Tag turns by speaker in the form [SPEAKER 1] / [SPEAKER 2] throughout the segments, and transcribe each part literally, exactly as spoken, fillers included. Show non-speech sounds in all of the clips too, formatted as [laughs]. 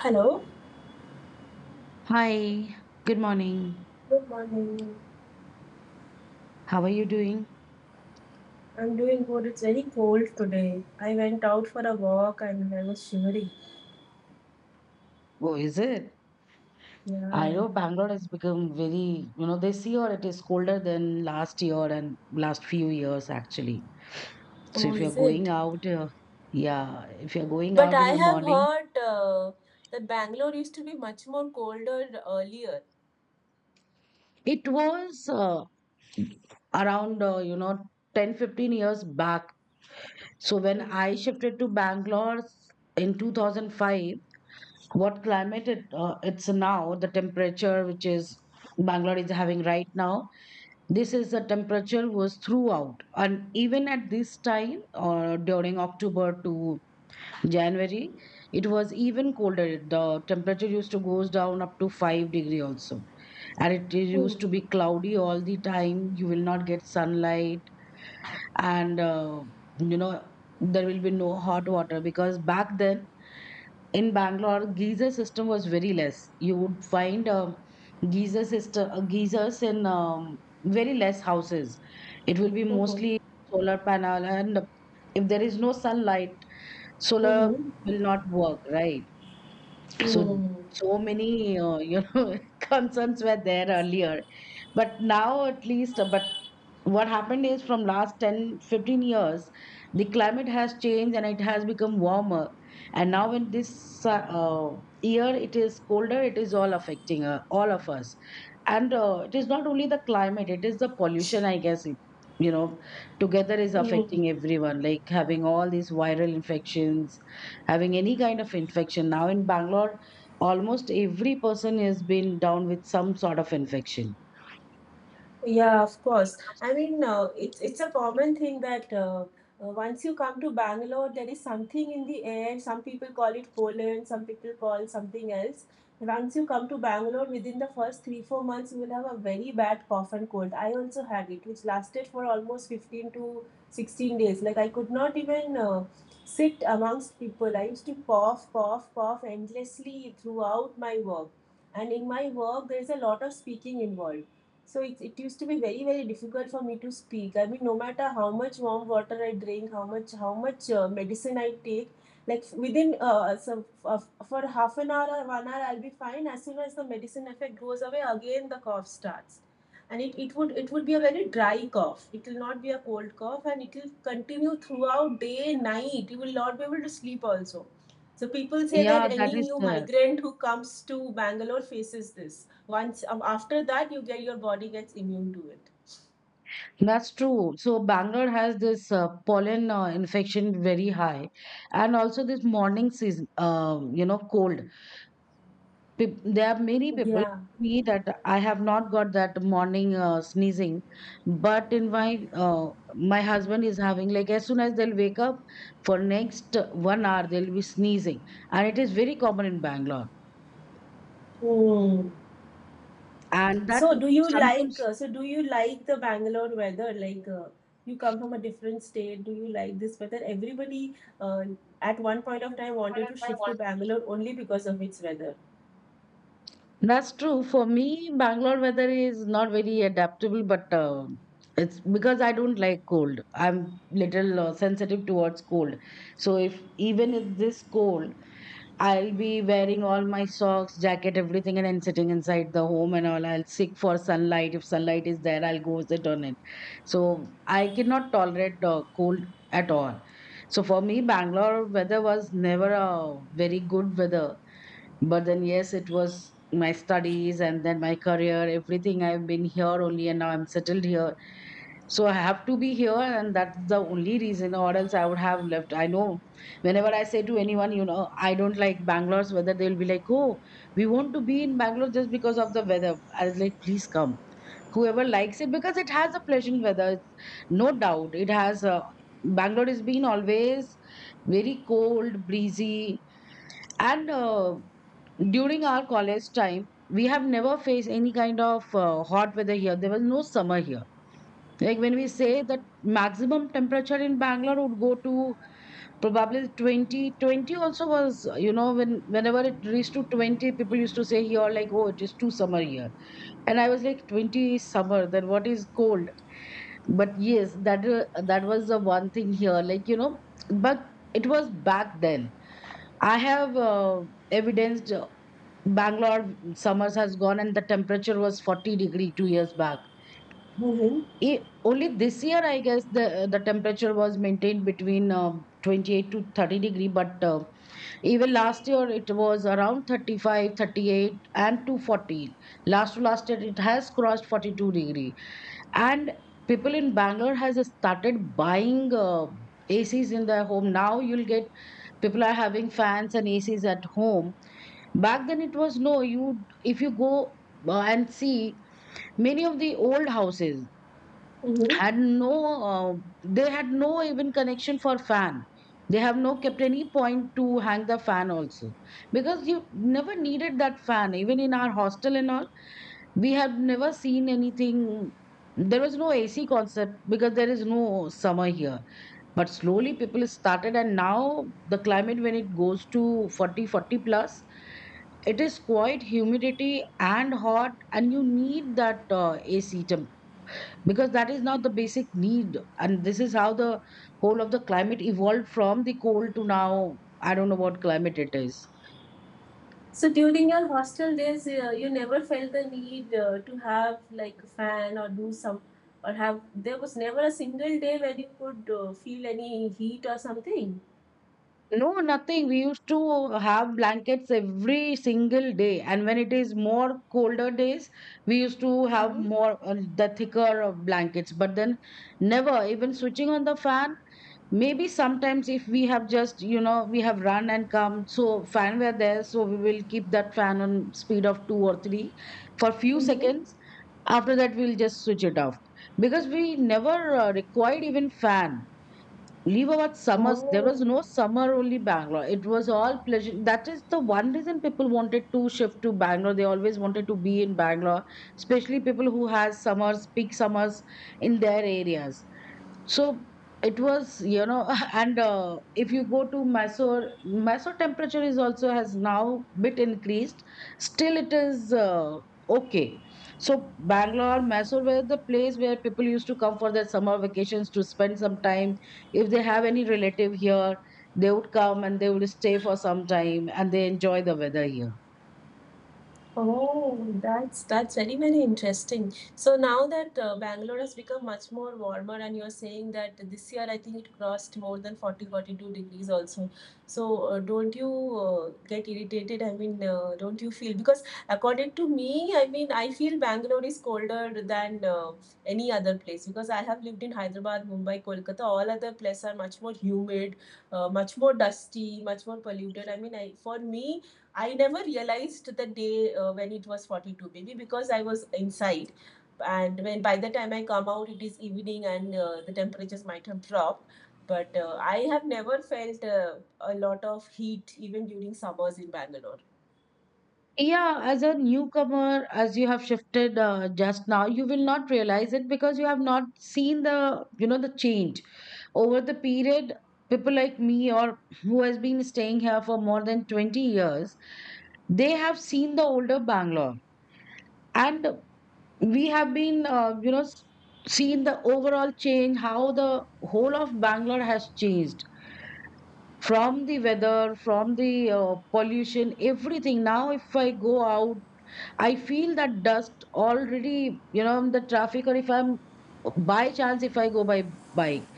[SPEAKER 1] Hello.
[SPEAKER 2] Hi, good morning.
[SPEAKER 1] Good morning.
[SPEAKER 2] How are you doing?
[SPEAKER 1] I'm doing good. It's very cold today. I went out for a walk and I was shivering.
[SPEAKER 2] Oh, is it? I
[SPEAKER 1] Yeah.
[SPEAKER 2] know Bangalore has become very, you know, this year it is colder than last year and last few years actually. So
[SPEAKER 1] Oh,
[SPEAKER 2] if you're
[SPEAKER 1] is
[SPEAKER 2] going
[SPEAKER 1] it?
[SPEAKER 2] out, uh, yeah, if you're going
[SPEAKER 1] But
[SPEAKER 2] out
[SPEAKER 1] I
[SPEAKER 2] in the
[SPEAKER 1] have
[SPEAKER 2] morning,
[SPEAKER 1] heard uh, that Bangalore used to be much more colder earlier.
[SPEAKER 2] it was uh, around, uh, you know, ten fifteen years back. So when
[SPEAKER 1] Hmm.
[SPEAKER 2] I shifted to Bangalore in two thousand five, what climate it, uh, it's now, the temperature which is Bangalore is having right now, this is the temperature was throughout, and even at this time, or during October to January, it was even colder. The temperature used to goes down up to five degree also, and it used
[SPEAKER 1] Hmm.
[SPEAKER 2] to be cloudy all the time. You will not get sunlight, and uh, you know there will be no hot water because back then in Bangalore, geyser system was very less. You would find um, geyser system, uh, geysers in um, very less houses. It will be
[SPEAKER 1] Hmm.
[SPEAKER 2] mostly solar panel, and uh, if there is no sunlight, solar
[SPEAKER 1] Hmm.
[SPEAKER 2] will not work, right? So,
[SPEAKER 1] Hmm.
[SPEAKER 2] so many uh, you know [laughs] concerns were there earlier, but now at least uh, but what happened is from last ten, fifteen years the climate has changed and it has become warmer, and now in this uh, uh, year it is colder. It is all affecting uh, all of us, and uh, it is not only the climate, it is the pollution I guess, it, you know together is
[SPEAKER 1] Hmm.
[SPEAKER 2] affecting everyone, like having all these viral infections, having any kind of infection now in Bangalore. Almost every person has been down with some sort of infection.
[SPEAKER 1] Yeah, of course. I mean, uh, it's it's a common thing that uh, uh, once you come to Bangalore, there is something in the air. Some people call it Poland, some people call something else. Once you come to Bangalore, within the first three, four months, you will have a very bad cough and cold. I also had it, which lasted for almost fifteen to sixteen days. Like, I could not even uh, sit amongst people. I used to cough, cough, cough endlessly throughout my work. And in my work, there is a lot of speaking involved, so it, it used to be very very difficult for me to speak. I mean, no matter how much warm water I drink, how much how much uh, medicine I take, like within uh, so uh, for half an hour or one hour I'll be fine. As soon as the medicine effect goes away, again the cough starts, and it, it would it would be a very dry cough. It will not be a cold cough, and it will continue throughout day night. You will not be able to sleep also. So people say that
[SPEAKER 2] Yeah,
[SPEAKER 1] any
[SPEAKER 2] that is
[SPEAKER 1] new
[SPEAKER 2] there.
[SPEAKER 1] migrant who comes to Bangalore faces this once um, after that, you get your body gets immune to it.
[SPEAKER 2] That's true. So Bangalore has this uh, pollen uh, infection very high, and also this morning season, uh, you know, cold. Peop- There are many people
[SPEAKER 1] Yeah.
[SPEAKER 2] me that I have not got that morning uh, sneezing, but in my uh, my husband is having, like, as soon as they'll wake up for next uh, one hour they'll be sneezing, and it is very common in Bangalore,
[SPEAKER 1] Hmm.
[SPEAKER 2] and that
[SPEAKER 1] So do you like
[SPEAKER 2] sometimes.
[SPEAKER 1] uh, so do you like the Bangalore weather? Like uh, you come from a different state, do you like this weather? Everybody, uh, at one point of time wanted to shift to Bangalore only because of its weather.
[SPEAKER 2] That's true. For me, Bangalore weather is not very adaptable, but uh, it's because I don't like cold. I'm little uh, sensitive towards cold. So if even if this cold, I'll be wearing all my socks, jacket, everything, and then sitting inside the home and all. I'll seek for sunlight. If sunlight is there, I'll go sit on it. So I cannot tolerate uh, cold at all. So for me, Bangalore weather was never a very good weather, but then yes, it was my studies and then my career, everything I've been here only, and now I'm settled here, so I have to be here, and that's the only reason, or else I would have left. I know, whenever I say to anyone, you know I don't like Bangalore's weather, they'll be like, oh, we want to be in Bangalore just because of the weather. I was like, please come, whoever likes it, because it has a pleasant weather. It's, no doubt it has a, Bangalore has been always very cold, breezy, and uh, during our college time, we have never faced any kind of uh, hot weather here. There was no summer here. Like when we say that maximum temperature in Bangalore would go to probably twenty, twenty also was, you know, when whenever it reached to twenty, people used to say here, like, oh, it is too summer here. And I was like, twenty is summer, then what is cold? But yes, that uh, that was the one thing here. Like, you know, but it was back then. I have uh, evidenced Bangalore summers has gone and the temperature was forty degree two years back.
[SPEAKER 1] Mm-hmm.
[SPEAKER 2] E- only this year, I guess the the temperature was maintained between um twenty eight to thirty degree. But uh, even last year, it was around thirty five, thirty eight, thirty eight, and two forty. Last to last year, it has crossed forty two degree. And people in Bangalore has started buying uh, A Cs in their home. Now you'll get, people are having fans and A Cs at home. Back then it was no, you, if you go uh, and see, many of the old houses
[SPEAKER 1] Mm-hmm.
[SPEAKER 2] had no uh, they had no even connection for fan. They have no kept any point to hang the fan also, because you never needed that fan. Even in our hostel and all, we have never seen anything. There was no A C concept because there is no summer here, but slowly people started, and now the climate when it goes to forty, forty plus, it is quite humidity and hot and you need that uh, AC temp, because that is now the basic need, and this is how the whole of the climate evolved from the cold to now I don't know what climate it is.
[SPEAKER 1] So during your hostel days, uh, you never felt the need uh, to have like a fan or do some or have. There was never a single day where you could uh, feel any heat or something.
[SPEAKER 2] No, nothing. We used to have blankets every single day, and when it is more colder days, we used to have
[SPEAKER 1] Mm-hmm.
[SPEAKER 2] more uh, the thicker of blankets. But then, never even switching on the fan. Maybe sometimes if we have just you know we have run and come, so fan were there, so we will keep that fan on speed of two or three for few
[SPEAKER 1] Mm-hmm.
[SPEAKER 2] seconds. After that, we'll just switch it off, because we never uh, required even fan. Leave out summers. There
[SPEAKER 1] Oh,
[SPEAKER 2] was no summer only Bangalore. It was all pleasure. That is the one reason people wanted to shift to Bangalore. They always wanted to be in Bangalore, especially people who has summers, peak summers in their areas. So it was, you know, [laughs] and uh, if you go to Mysore, Mysore temperature is also has now bit increased. Still, it is uh, okay. So Bangalore, Mysore were the place where people used to come for their summer vacations to spend some time. If they have any relative here, they would come and they would stay for some time and they enjoy the weather here.
[SPEAKER 1] oh, that's that's very very interesting. So now that uh, Bangalore has become much more warmer, and you're saying that this year I think it crossed more than forty forty two degrees also. So uh, don't you uh, get irritated? I mean, uh, don't you feel because according to me, I mean, I feel Bangalore is colder than uh, any other place because I have lived in Hyderabad, Mumbai, Kolkata. All other places are much more humid, uh, much more dusty, much more polluted. I mean, I for me I never realized the day uh, when it was forty two maybe because I was inside. And when by the time I come out, it is evening and uh, the temperatures might have dropped. But uh, I have never felt uh, a lot of heat even during summers in Bangalore.
[SPEAKER 2] Yeah, as a newcomer, as you have shifted uh, just now, you will not realize it, because you have not seen the, you know, the change over the period. People like me, or who has been staying here for more than twenty years, they have seen the older Bangalore, and we have been, uh, you know, s- seen the overall change, how the whole of Bangalore has changed, from the weather, from the uh, pollution, everything. Now, if I go out, I feel that dust already, you know, in the traffic, or if I'm, by chance, if I go by bike,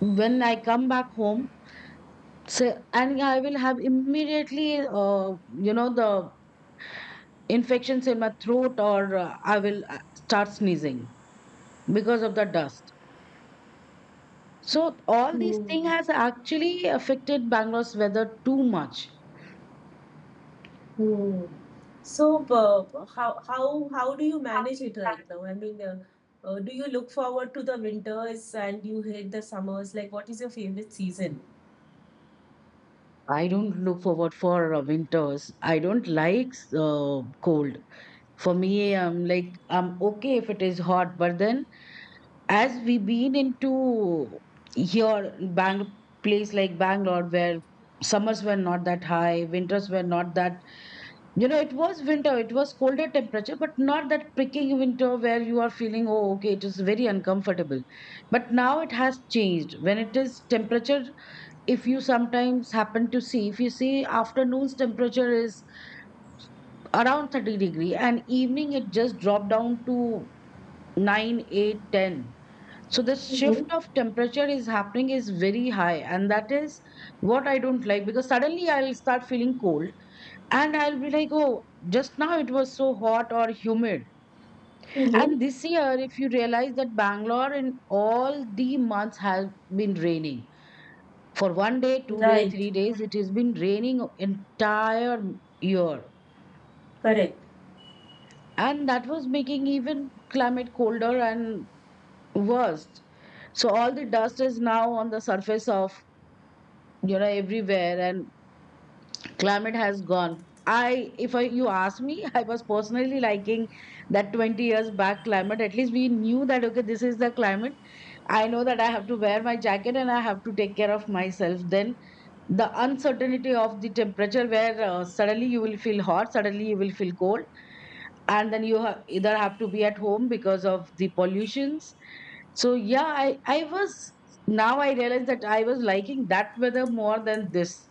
[SPEAKER 2] when I come back home, say, and I will have immediately, uh, you know, the infections in my throat, or uh, I will uh, start sneezing because of the dust. So all these
[SPEAKER 1] Hmm.
[SPEAKER 2] things has actually affected Bangalore's weather too much.
[SPEAKER 1] Hmm. So, uh, how how how do you manage it right now? I mean, uh, uh, do you look forward to the winters and you hate the summers? Like, what is your favorite season?
[SPEAKER 2] I don't look forward for uh, winters. I don't like uh, cold. For me, I'm like, I'm okay if it is hot, but then as we been into here, Bang place like Bangalore, where summers were not that high, winters were not that, you know, it was winter, it was colder temperature, but not that pricking winter where you are feeling, oh, okay, it is very uncomfortable. But now it has changed. When it is temperature, if you sometimes happen to see, if you see afternoon's temperature is around thirty degree and evening it just dropped down to nine eight, ten. So the shift
[SPEAKER 1] Mm-hmm.
[SPEAKER 2] of temperature is happening is very high, and that is what I don't like, because suddenly I'll start feeling cold and I'll be like, oh, just now it was so hot or humid.
[SPEAKER 1] Mm-hmm.
[SPEAKER 2] And this year, if you realize that Bangalore in all the months has been raining for one day two day
[SPEAKER 1] Right.
[SPEAKER 2] three days, it has been raining entire year,
[SPEAKER 1] Correct.
[SPEAKER 2] and that was making even climate colder and worse. So all the dust is now on the surface of, you know, everywhere, and climate has gone. I, if I, you ask me, [laughs] I was personally liking that twenty years back climate. At least we knew that, okay, this is the climate. I know that I have to wear my jacket and I have to take care of myself. Then the uncertainty of the temperature where uh, suddenly you will feel hot, suddenly you will feel cold, and then you ha- either have to be at home because of the pollutions. So yeah, i i was, now I realize that I was liking that weather more than this.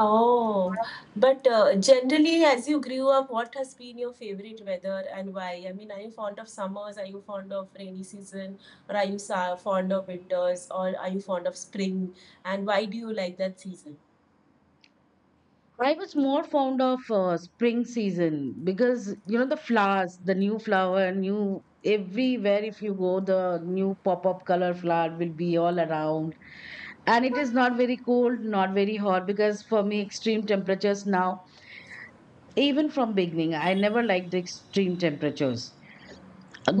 [SPEAKER 1] Oh, but uh, generally, as you grew up, what has been your favorite weather and why? I mean, are you fond of summers? Are you fond of rainy season? Or are you sa fond of winters? Or are you fond of spring? And why do you like that season?
[SPEAKER 2] I was more fond of uh, spring season, because you know, the flowers, the new flower, new, everywhere if you go, the new pop up color flower will be all around. And it is not very cold, not very hot, because for me extreme temperatures now, even from beginning I never liked the extreme temperatures.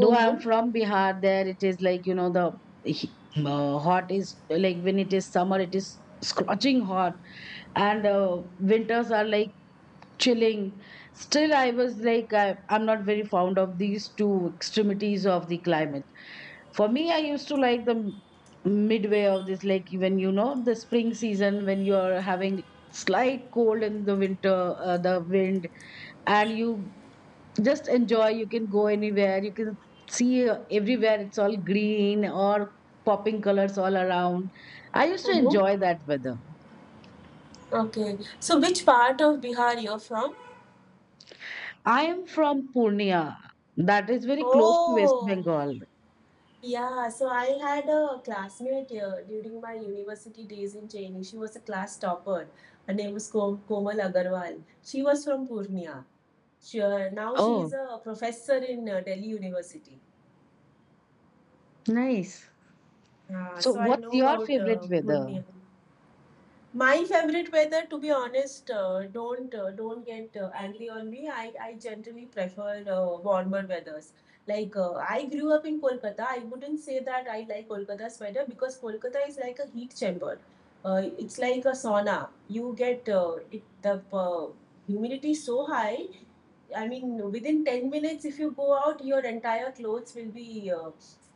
[SPEAKER 2] Though I'm from Bihar, there it is like, you know, the he- uh, hot is like when it is summer, it is scorching hot. And uh, winters are like chilling. Still I was like, I, I'm not very fond of these two extremities of the climate. For me I used to like the m- midway of this, like when you know the spring season, when you are having slight cold in the winter, uh, the wind, and you just enjoy, you can go anywhere, you can see, uh, everywhere it's all green or popping colors all around. I used to
[SPEAKER 1] Mm-hmm.
[SPEAKER 2] enjoy that weather.
[SPEAKER 1] Okay. So, which part of Bihar you're from?
[SPEAKER 2] I am from Purnia, that is very close to West
[SPEAKER 1] Oh,
[SPEAKER 2] Bengal.
[SPEAKER 1] yeah. So I had a classmate here during my university days in Chennai. She was a class topper. Her name was Kom- Komal Agarwal. She was from Purnia. Sure. Now she is
[SPEAKER 2] Oh,
[SPEAKER 1] a professor in uh, Delhi University.
[SPEAKER 2] nice.
[SPEAKER 1] Ah,
[SPEAKER 2] So
[SPEAKER 1] so I
[SPEAKER 2] what's
[SPEAKER 1] know
[SPEAKER 2] your
[SPEAKER 1] about
[SPEAKER 2] favorite
[SPEAKER 1] uh, good
[SPEAKER 2] weather?
[SPEAKER 1] meal. My favorite weather, to be honest, uh, don't uh, don't get uh, angry on me. I, I generally prefer uh, warmer weathers. Like uh, I grew up in Kolkata. I wouldn't say that I like Kolkata's weather because Kolkata is like a heat chamber. Uh, it's like a sauna. You get uh, it, the uh, humidity so high. I mean, within ten minutes, if you go out, your entire clothes will be uh,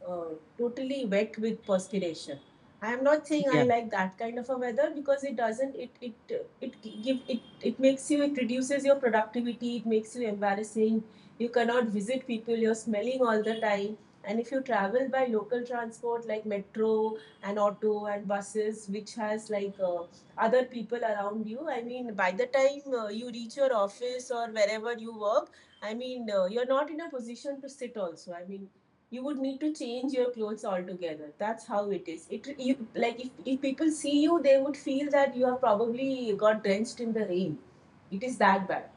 [SPEAKER 1] uh, totally wet with perspiration. I am not saying I
[SPEAKER 2] Yeah,
[SPEAKER 1] like that kind of a weather because it doesn't. It it it give it it makes you. It reduces your productivity. It makes you embarrassing. You cannot visit people. You're smelling all the time. And if you travel by local transport like metro and auto and buses, which has like uh, other people around you, I mean, by the time uh, you reach your office or wherever you work, I mean, uh, you're not in a position to sit also. I mean, you would need to change your clothes altogether. That's how it is, it you, like if, if people see you, they would feel that you have probably got drenched in the rain. It is that bad.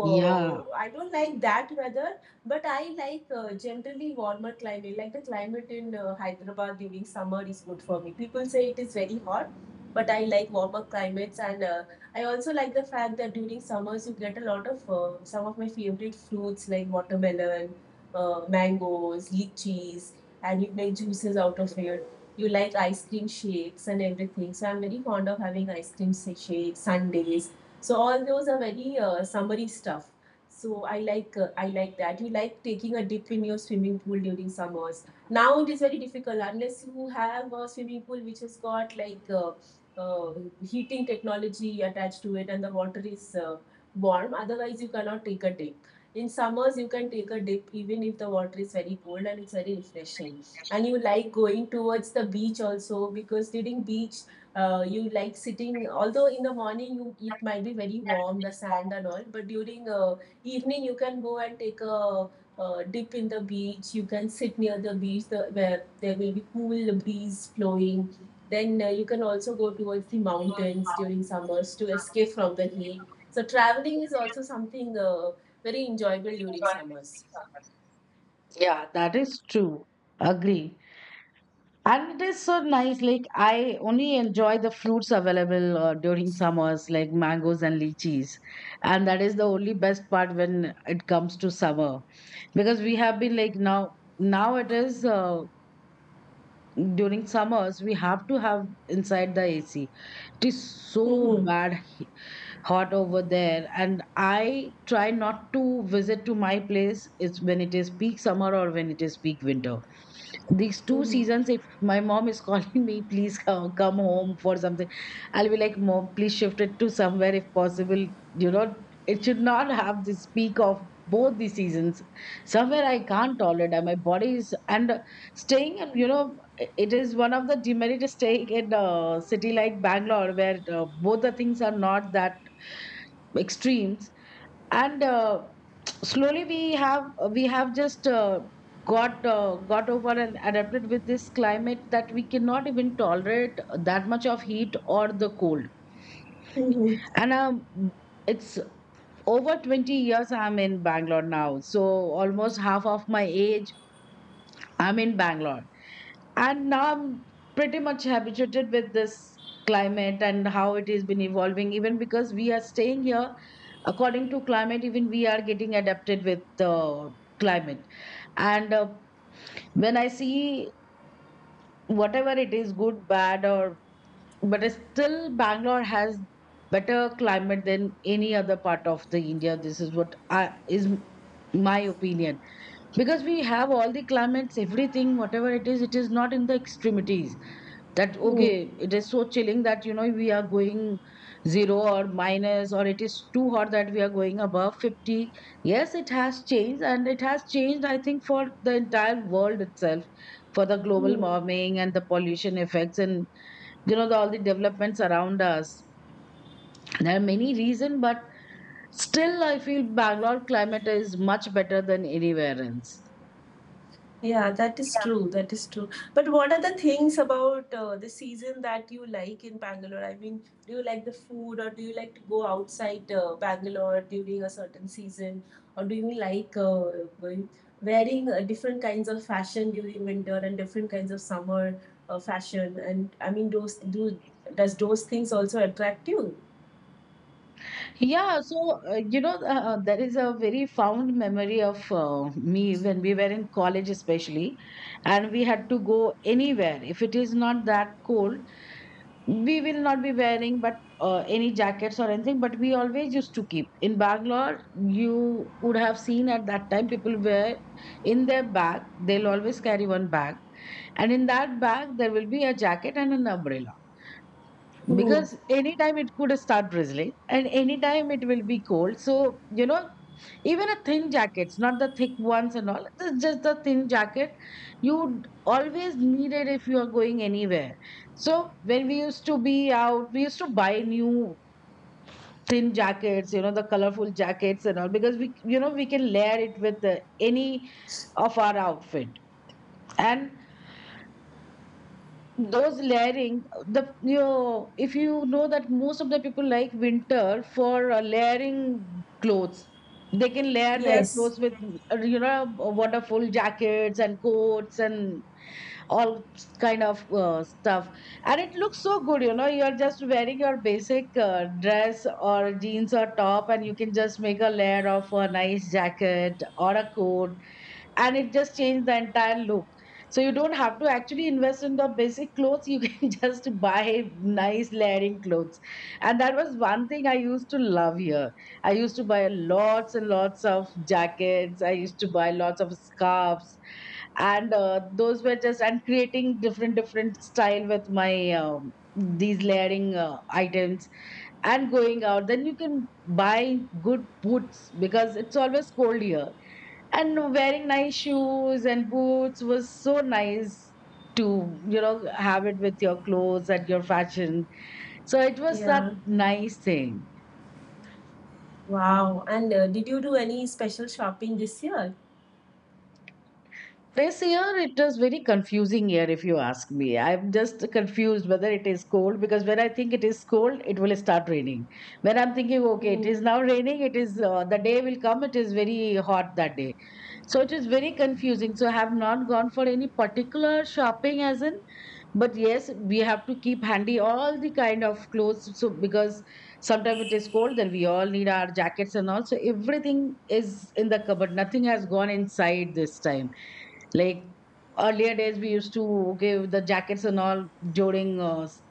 [SPEAKER 2] yeah,
[SPEAKER 1] uh, I don't like that weather, but I like uh, generally warmer climate. Like the climate in uh, Hyderabad during summer is good for me. People say it is very hot, but I like warmer climates, and uh, I also like the fact that during summers you get a lot of uh, some of my favorite fruits like watermelon, uh, mangoes, lychees, and you make juices out of it. You like ice cream shakes and everything. So I'm very fond of having ice cream sa- shakes, sundaes, so all those are very uh, summery stuff. So I like uh, I like that. You like taking a dip in your swimming pool during summers. Now it is very difficult unless you have a swimming pool which has got like uh, uh, heating technology attached to it and the water is uh, warm. Otherwise, you cannot take a dip. In summers, you can take a dip even if the water is very cold and it's very refreshing. And you like going towards the beach also because during beach, uh, you like sitting, although in the morning you it might be very warm, the sand and all, but during uh, evening you can go and take a uh, dip in the beach. You can sit near the beach, the, where there will be cool breeze flowing. Then uh, you can also go towards the mountains during summers to escape from the heat. So traveling is also something uh, very enjoyable during summers.
[SPEAKER 2] yeah, that is true. Agree. And it is so nice. Like I only enjoy the fruits available uh, during summers, like mangoes and lychees, and that is the only best part when it comes to summer. Because we have been like now, now it is, uh, during summers we have to have inside the A C. It is so
[SPEAKER 1] Mhm.
[SPEAKER 2] bad hot over there, and I try not to visit to my place. It's when it is peak summer or when it is peak winter. These two
[SPEAKER 1] Mhm.
[SPEAKER 2] seasons, if my mom is [laughs] calling me, please come, come home for something, I'll be like, mom, please shift it to somewhere if possible, you know. It should not have this peak of both the seasons somewhere, I can't tolerate, and my body is, and staying, and you know, it is one of the demerit is staying in uh, city like Bangalore, where uh, both the things are not that extremes. And uh, slowly we have, we have just uh, got uh, got over and adapted with this climate, that we cannot even tolerate that much of heat or the cold.
[SPEAKER 1] Mhm.
[SPEAKER 2] And um, it's over twenty years I'm in Bangalore now. So almost half of my age I'm in Bangalore. And now I'm pretty much habituated with this climate, and how it has been evolving, even because we are staying here, according to climate, even we are getting adapted with the climate. And uh, when I see, whatever it is, good, bad, or, but it's still Bangalore has better climate than any other part of the India. This is what I, is my opinion. Because we have all the climates, everything. Whatever it is, it is not in the extremities, that
[SPEAKER 1] Mhm.
[SPEAKER 2] okay, it is so chilling that you know we are going zero or minus, or it is too hot that we are going above fifty. Yes, it has changed. And it has changed, I think, for the entire world itself, for the global
[SPEAKER 1] Mhm.
[SPEAKER 2] warming and the pollution effects, and you know, the, all the developments around us. There are many reasons, but still I feel Bangalore climate is much better than anywhere else.
[SPEAKER 1] Yeah, that is true. That is true. But what are the things about uh, the season that you like in Bangalore? I mean, do you like the food or do you like to go outside uh, Bangalore during a certain season? Or do you like uh, wearing uh, different kinds of fashion during winter and different kinds of summer uh, fashion? And I mean, those do does those things also attract you?
[SPEAKER 2] Yeah, so uh, you know, uh, uh, there is a very fond memory of uh, me when we were in college, especially, and we had to go anywhere. If it is not that cold, we will not be wearing but uh, any jackets or anything. But we always used to keep in Bangalore. You would have seen at that time people wear in their bag. They'll always carry one bag, and in that bag there will be a jacket and an umbrella,
[SPEAKER 1] Hmm.
[SPEAKER 2] because anytime it could start drizzling and anytime it will be cold. So you know, even a thin jackets, not the thick ones and all, it's just the thin jacket you always need it if you are going anywhere. So when we used to be out, we used to buy new thin jackets, you know, the colorful jackets and all, because we, you know, we can layer it with uh, any of our outfit. And those layering the, you know, if you know that most of the people like winter for uh, layering clothes, they can layer their
[SPEAKER 1] Yes.
[SPEAKER 2] clothes with uh, you know, wonderful jackets and coats and all kind of uh, stuff. And it looks so good, you know, you're just wearing your basic uh, dress or jeans or top, and you can just make a layer of a nice jacket or a coat, and it just changed the entire look. So you don't have to actually invest in the basic clothes. You can [laughs] just buy nice layering clothes. And that was one thing I used to love here. I used to buy lots and lots of jackets. I used to buy lots of scarves. And uh, those were just, and creating different, different style with my, um, these layering uh, items and going out. Then you can buy good boots because it's always cold here, and wearing nice shoes and boots was so nice to, you know, have it with your clothes and your fashion. So it was that
[SPEAKER 1] Yeah.
[SPEAKER 2] nice thing.
[SPEAKER 1] Wow. And uh, did you do any special shopping this year?
[SPEAKER 2] This year, it was very confusing year. If you ask me, I'm just confused whether it is cold, because when I think it is cold, it will start raining. When I'm thinking, okay, it
[SPEAKER 1] Hmm.
[SPEAKER 2] is now [laughs] raining, it is, uh, the day will come, it is very hot that day. So it is very confusing. So I have not gone for any particular shopping as in, but yes, we have to keep handy all the kind of clothes, so because sometimes it is cold, then we all need our jackets and all, so everything is in the cupboard, nothing has gone inside this time. Like earlier days we used to, okay, the jackets and all during uh, s-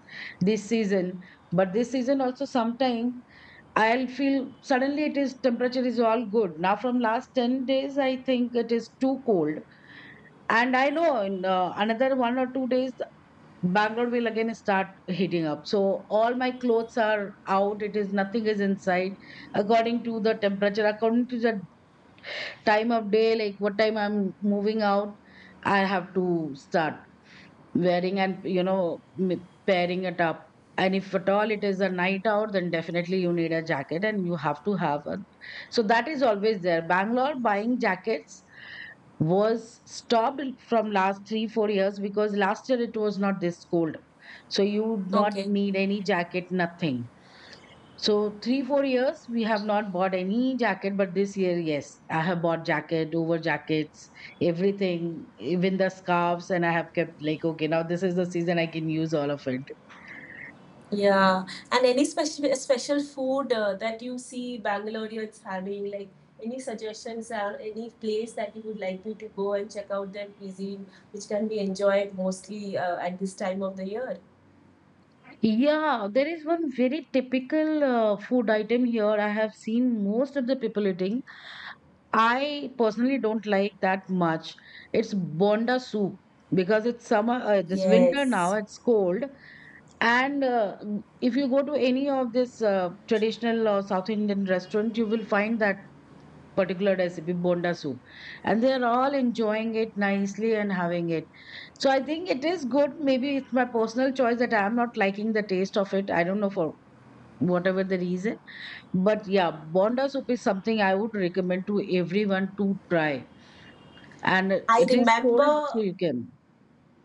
[SPEAKER 2] this season. But this season also sometimes I'll feel suddenly it is, temperature is all good. Now from last ten days I think it is too cold. And I know in uh, another one or two days Bangalore will again start heating up. So all my clothes are out. It is nothing is inside. According to the temperature, according to the time of day, like what time I'm moving out, I have to start wearing and, you know, m- pairing it up. And if at all it is a night out, then definitely you need a jacket and you have to have a. So that is always there. Bangalore buying jackets was stopped from last three four years, because last year it was not this cold, so you would not
[SPEAKER 1] Okay.
[SPEAKER 2] need any jacket, nothing. So three four years we have not bought any jacket. But this year, yes, I have bought jacket over jackets, everything, even the scarves. And I have kept like, okay, now this is the season I can use all of it.
[SPEAKER 1] Yeah, and any special special food uh, that you see Bangaloreans having, like any suggestions or any place that you would like me to go and check out their cuisine, which can be enjoyed mostly uh, at this time of the year?
[SPEAKER 2] Yeah, there is one very typical uh, food item here I have seen most of the people eating. I personally don't like that much. It's bonda soup, because it's summer, uh, this winter now,
[SPEAKER 1] Yes,
[SPEAKER 2] it's cold. And uh, if you go to any of this uh, traditional or South Indian restaurant, you will find that particular recipe, bonda soup. And they're all enjoying it nicely and having it. So I think it is good. Maybe it's my personal choice that I'm not liking the taste of it. I don't know for whatever the reason. But yeah, bonda soup is something I would recommend to everyone to try, and
[SPEAKER 1] I
[SPEAKER 2] it is cold, so
[SPEAKER 1] remember
[SPEAKER 2] you can.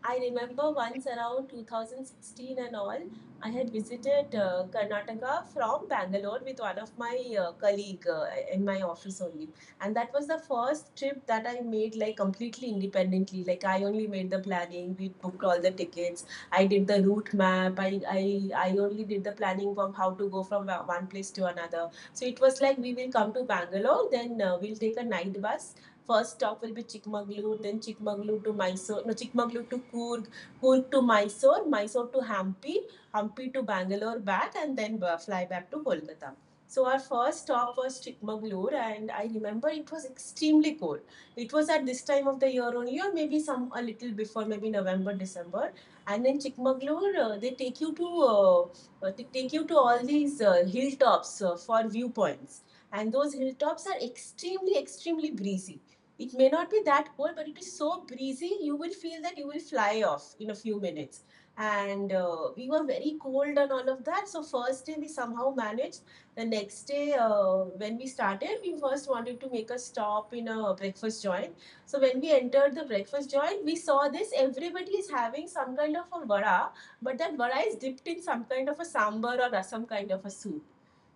[SPEAKER 1] I remember once around two thousand sixteen and all, I had visited uh, Karnataka from Bangalore with one of my uh, colleague uh, in my office only. And that was the first trip that I made like completely independently. Like I only made the planning, we booked all the tickets, I did the route map, I, I, I only did the planning from how to go from one place to another. So it was like we will come to Bangalore, then uh, we'll take a night bus. First stop will be Chikmagalur, then Chikmagalur to Mysore, no, Chikmagalur to Coorg, Coorg to Mysore, Mysore to Hampi, Hampi to Bangalore back, and then uh, fly back to Kolkata. So our first stop was Chikmagalur, and I remember it was extremely cold. It was at this time of the year only, or maybe some a little before, maybe November, December. And in Chikmagalur, uh, they take you to uh, uh, they take you to all these uh, hilltops uh, for viewpoints, and those hilltops are extremely, extremely breezy. It may not be that cold, but it is so breezy, you will feel that you will fly off in a few minutes. And uh, we were very cold and all of that. So, first day we somehow managed. The next day, uh, when we started, we first wanted to make a stop in a breakfast joint. So, when we entered the breakfast joint, we saw this everybody is having some kind of a vada, but that vada is dipped in some kind of a sambar or some kind of a soup.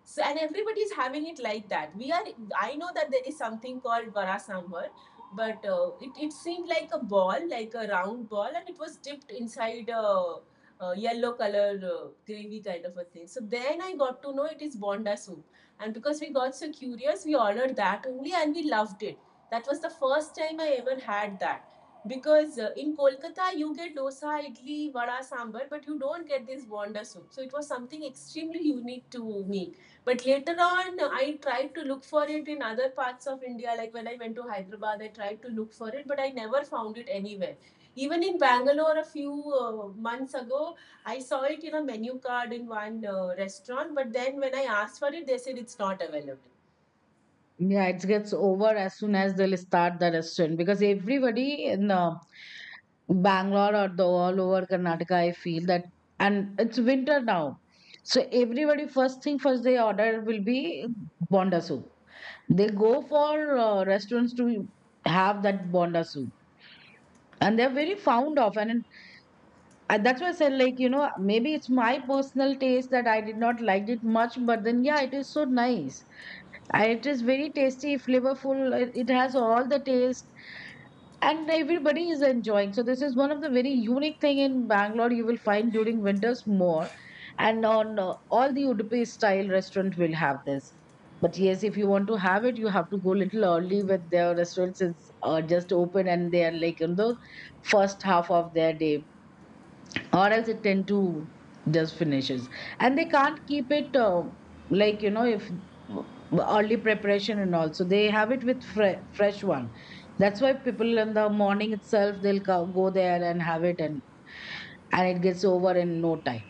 [SPEAKER 1] So, and everybody is having it like that. We are, I know that there is something called vara sambar, but uh, it, it seemed like a ball, like a round ball, and it was dipped inside a, a yellow color uh, gravy kind of a thing. So then I got to know it is Bonda soup. And because we got so curious, we ordered that only and we loved it. That was the first time I ever had that. Because uh, in Kolkata, you get dosa, idli, vada, sambar, but you don't get this bonda soup. So it was something extremely unique to me, but later on, I tried to look for it in other parts of India. Like when I went to Hyderabad, I tried to look for it, but I never found it anywhere. Even in Bangalore, a few uh, months ago, I saw it in a menu card in one uh, restaurant. But then when I asked for it, they said it's not available.
[SPEAKER 2] Yeah, it gets over as soon as they'll start the restaurant, because everybody in uh, Bangalore or the all over Karnataka, I feel that. And it's winter now, so everybody, first thing first they order will be bonda soup. They go for uh, restaurants to have that bonda soup. And they're very fond of, and, and that's why I said, like, you know, maybe it's my personal taste that I did not like it much. But then yeah, it is so nice. I- It is very tasty, flavorful. It it has all the taste, and everybody is enjoying. So this is one of the very unique thing in Bangalore. You will find during winters more, and on uh, all the Udupi style restaurant will have this. But yes, if you want to have it, you have to go little early with their restaurants is uh, just open, and they are like in the first half of their day. Or else it tend to just finishes, and they can't keep it, uh, like you know, if early preparation and all, so they have it with fre- fresh one. That's why people in the morning itself, they'll co- go there and have it, and and it gets over in no time.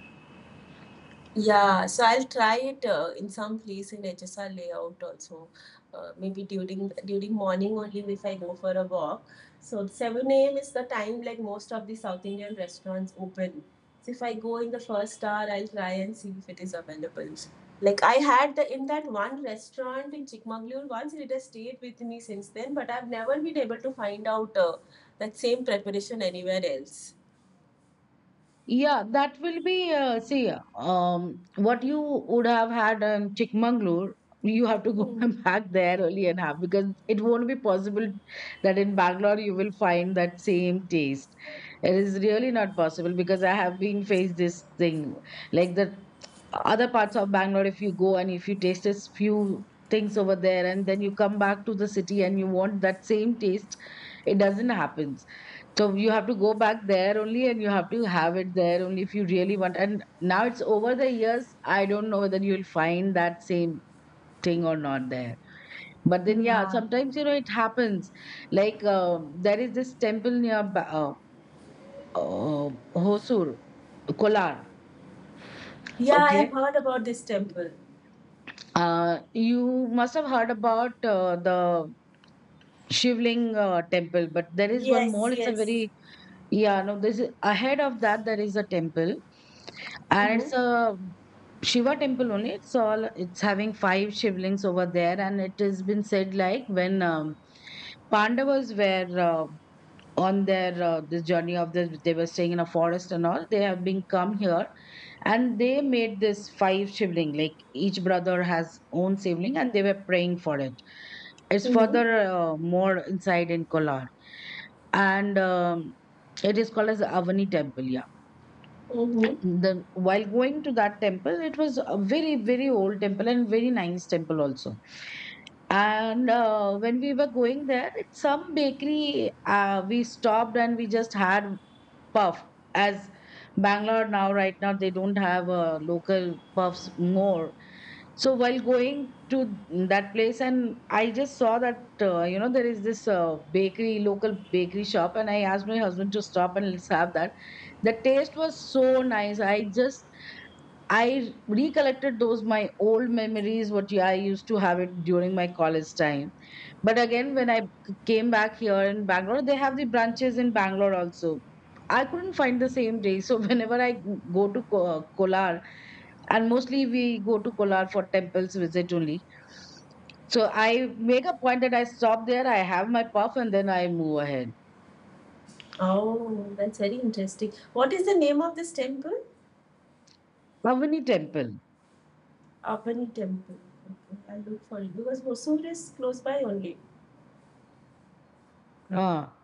[SPEAKER 1] Yeah, so I'll try it uh, in some place in H S R layout also. Uh, maybe during during morning only if I go for a walk. So seven a m is the time like most of the South Indian restaurants open. So if I go in the first hour, I'll try and see if it is available. Like I had the in that one restaurant in Chikmagalur once, it has stayed with me since then, but I've never been able to find out uh, that same preparation anywhere else.
[SPEAKER 2] Yeah, that will be, uh, see, um what you would have had in Chikmagalur, you have to go
[SPEAKER 1] Hmm.
[SPEAKER 2] [laughs] back there early and have, because it won't be possible that in Bangalore you will find that same taste. It is really not possible, because I have been faced this thing like the other parts of Bangalore. If you go and if you taste a few things over there and then you come back to the city and you want that same taste, it doesn't happen. So you have to go back there only and you have to have it there only if you really want. And now it's over the years. I don't know whether you'll find that same thing or not there. But then, yeah,
[SPEAKER 1] Yeah.
[SPEAKER 2] sometimes, you know, it happens. Like uh, there is this temple near Ba- uh, uh, Hosur, Kolar.
[SPEAKER 1] Yeah, I have
[SPEAKER 2] Okay.
[SPEAKER 1] heard about this temple.
[SPEAKER 2] Uh, you must have heard about uh, the Shivling uh, temple, but there is one
[SPEAKER 1] Yes,
[SPEAKER 2] more. It's a
[SPEAKER 1] yes.
[SPEAKER 2] very. Yeah, no, this is ahead of that. There is a temple and it's
[SPEAKER 1] Mm-hmm.
[SPEAKER 2] a Shiva temple only. It's all it's having five shivlings over there, and it has been said like when um, Pandavas were uh, on their uh, this journey of this. They were staying in a forest and all, they have been come here and they made this five sibling, like each brother has own sibling and they were praying for it. It's
[SPEAKER 1] Mm-hmm.
[SPEAKER 2] further uh, more inside in Kolar, and um, it is called as Avani temple, yeah.
[SPEAKER 1] Mm-hmm.
[SPEAKER 2] The while going to that temple, it was a very very old temple and very nice temple also. And uh, when we were going there, it's some bakery, uh, we stopped and we just had puff. As Bangalore now, right now, they don't have uh, local puffs more. So while going to that place, and I just saw that uh, you know there is this uh, bakery, local bakery shop, and I asked my husband to stop and let's have that. The taste was so nice. I just, I recollected those my old memories, what, yeah, I used to have it during my college time. But again, when I c- came back here in Bangalore, they have the branches in Bangalore also. I couldn't find the same day. So [laughs] whenever I go to Ko- Kolar, and mostly we go to Kolar for temples visit only. So I make a point that I stop there, I have my puff, and then I move ahead.
[SPEAKER 1] Oh, that's very interesting. What is the name of this temple?
[SPEAKER 2] Pavani temple.
[SPEAKER 1] Apani temple. Okay, I'll look for it because Hosur is close by only.
[SPEAKER 2] Ah.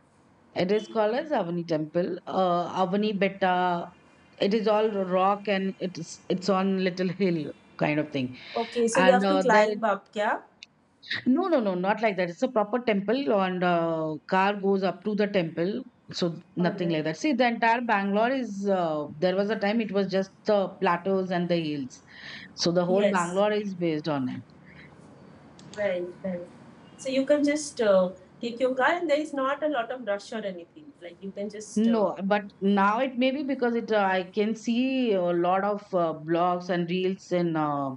[SPEAKER 2] It is called
[SPEAKER 1] Yeah.
[SPEAKER 2] as Avani Temple, uh, Avani Betta. It is all rock and it's it's on little hill kind of thing.
[SPEAKER 1] Okay, so you
[SPEAKER 2] And
[SPEAKER 1] have to
[SPEAKER 2] uh, there,
[SPEAKER 1] climb up, yeah?
[SPEAKER 2] no, no, no, not like that. It's a proper temple, and uh, car goes up to the temple. So
[SPEAKER 1] All
[SPEAKER 2] nothing
[SPEAKER 1] right.
[SPEAKER 2] like that. See, the entire Bangalore is, uh, there was a time it was just the plateaus and the hills. So the whole
[SPEAKER 1] Yes,
[SPEAKER 2] Bangalore is based on it.
[SPEAKER 1] right, right. So you can just uh, take your car, and there is not a lot of rush or anything. Like you can just. Uh,
[SPEAKER 2] No, but now it may be because it uh, I can see a lot of uh, blogs and reels in uh,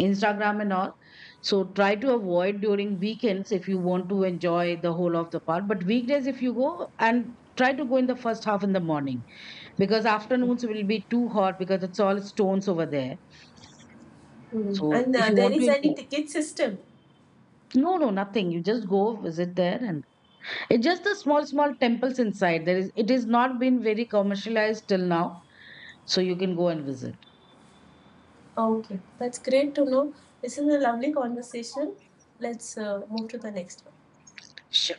[SPEAKER 2] Instagram and all. So try to avoid during weekends if you want to enjoy the whole of the park. But weekdays, if you go and try to go in the first half in the morning, because afternoons will be too hot because it's all stones over there.
[SPEAKER 1] Hmm.
[SPEAKER 2] So
[SPEAKER 1] And
[SPEAKER 2] if
[SPEAKER 1] uh,
[SPEAKER 2] you
[SPEAKER 1] there
[SPEAKER 2] want to
[SPEAKER 1] is any
[SPEAKER 2] enjoy,
[SPEAKER 1] ticket system.
[SPEAKER 2] no, no, nothing. You just go visit there, and it's just the small, small temples inside. There is, it is not been very commercialized till now. So you can go and visit.
[SPEAKER 1] Ah, okay, that's great to know. This is a lovely conversation. Let's uh, move to the next one.
[SPEAKER 2] Sure.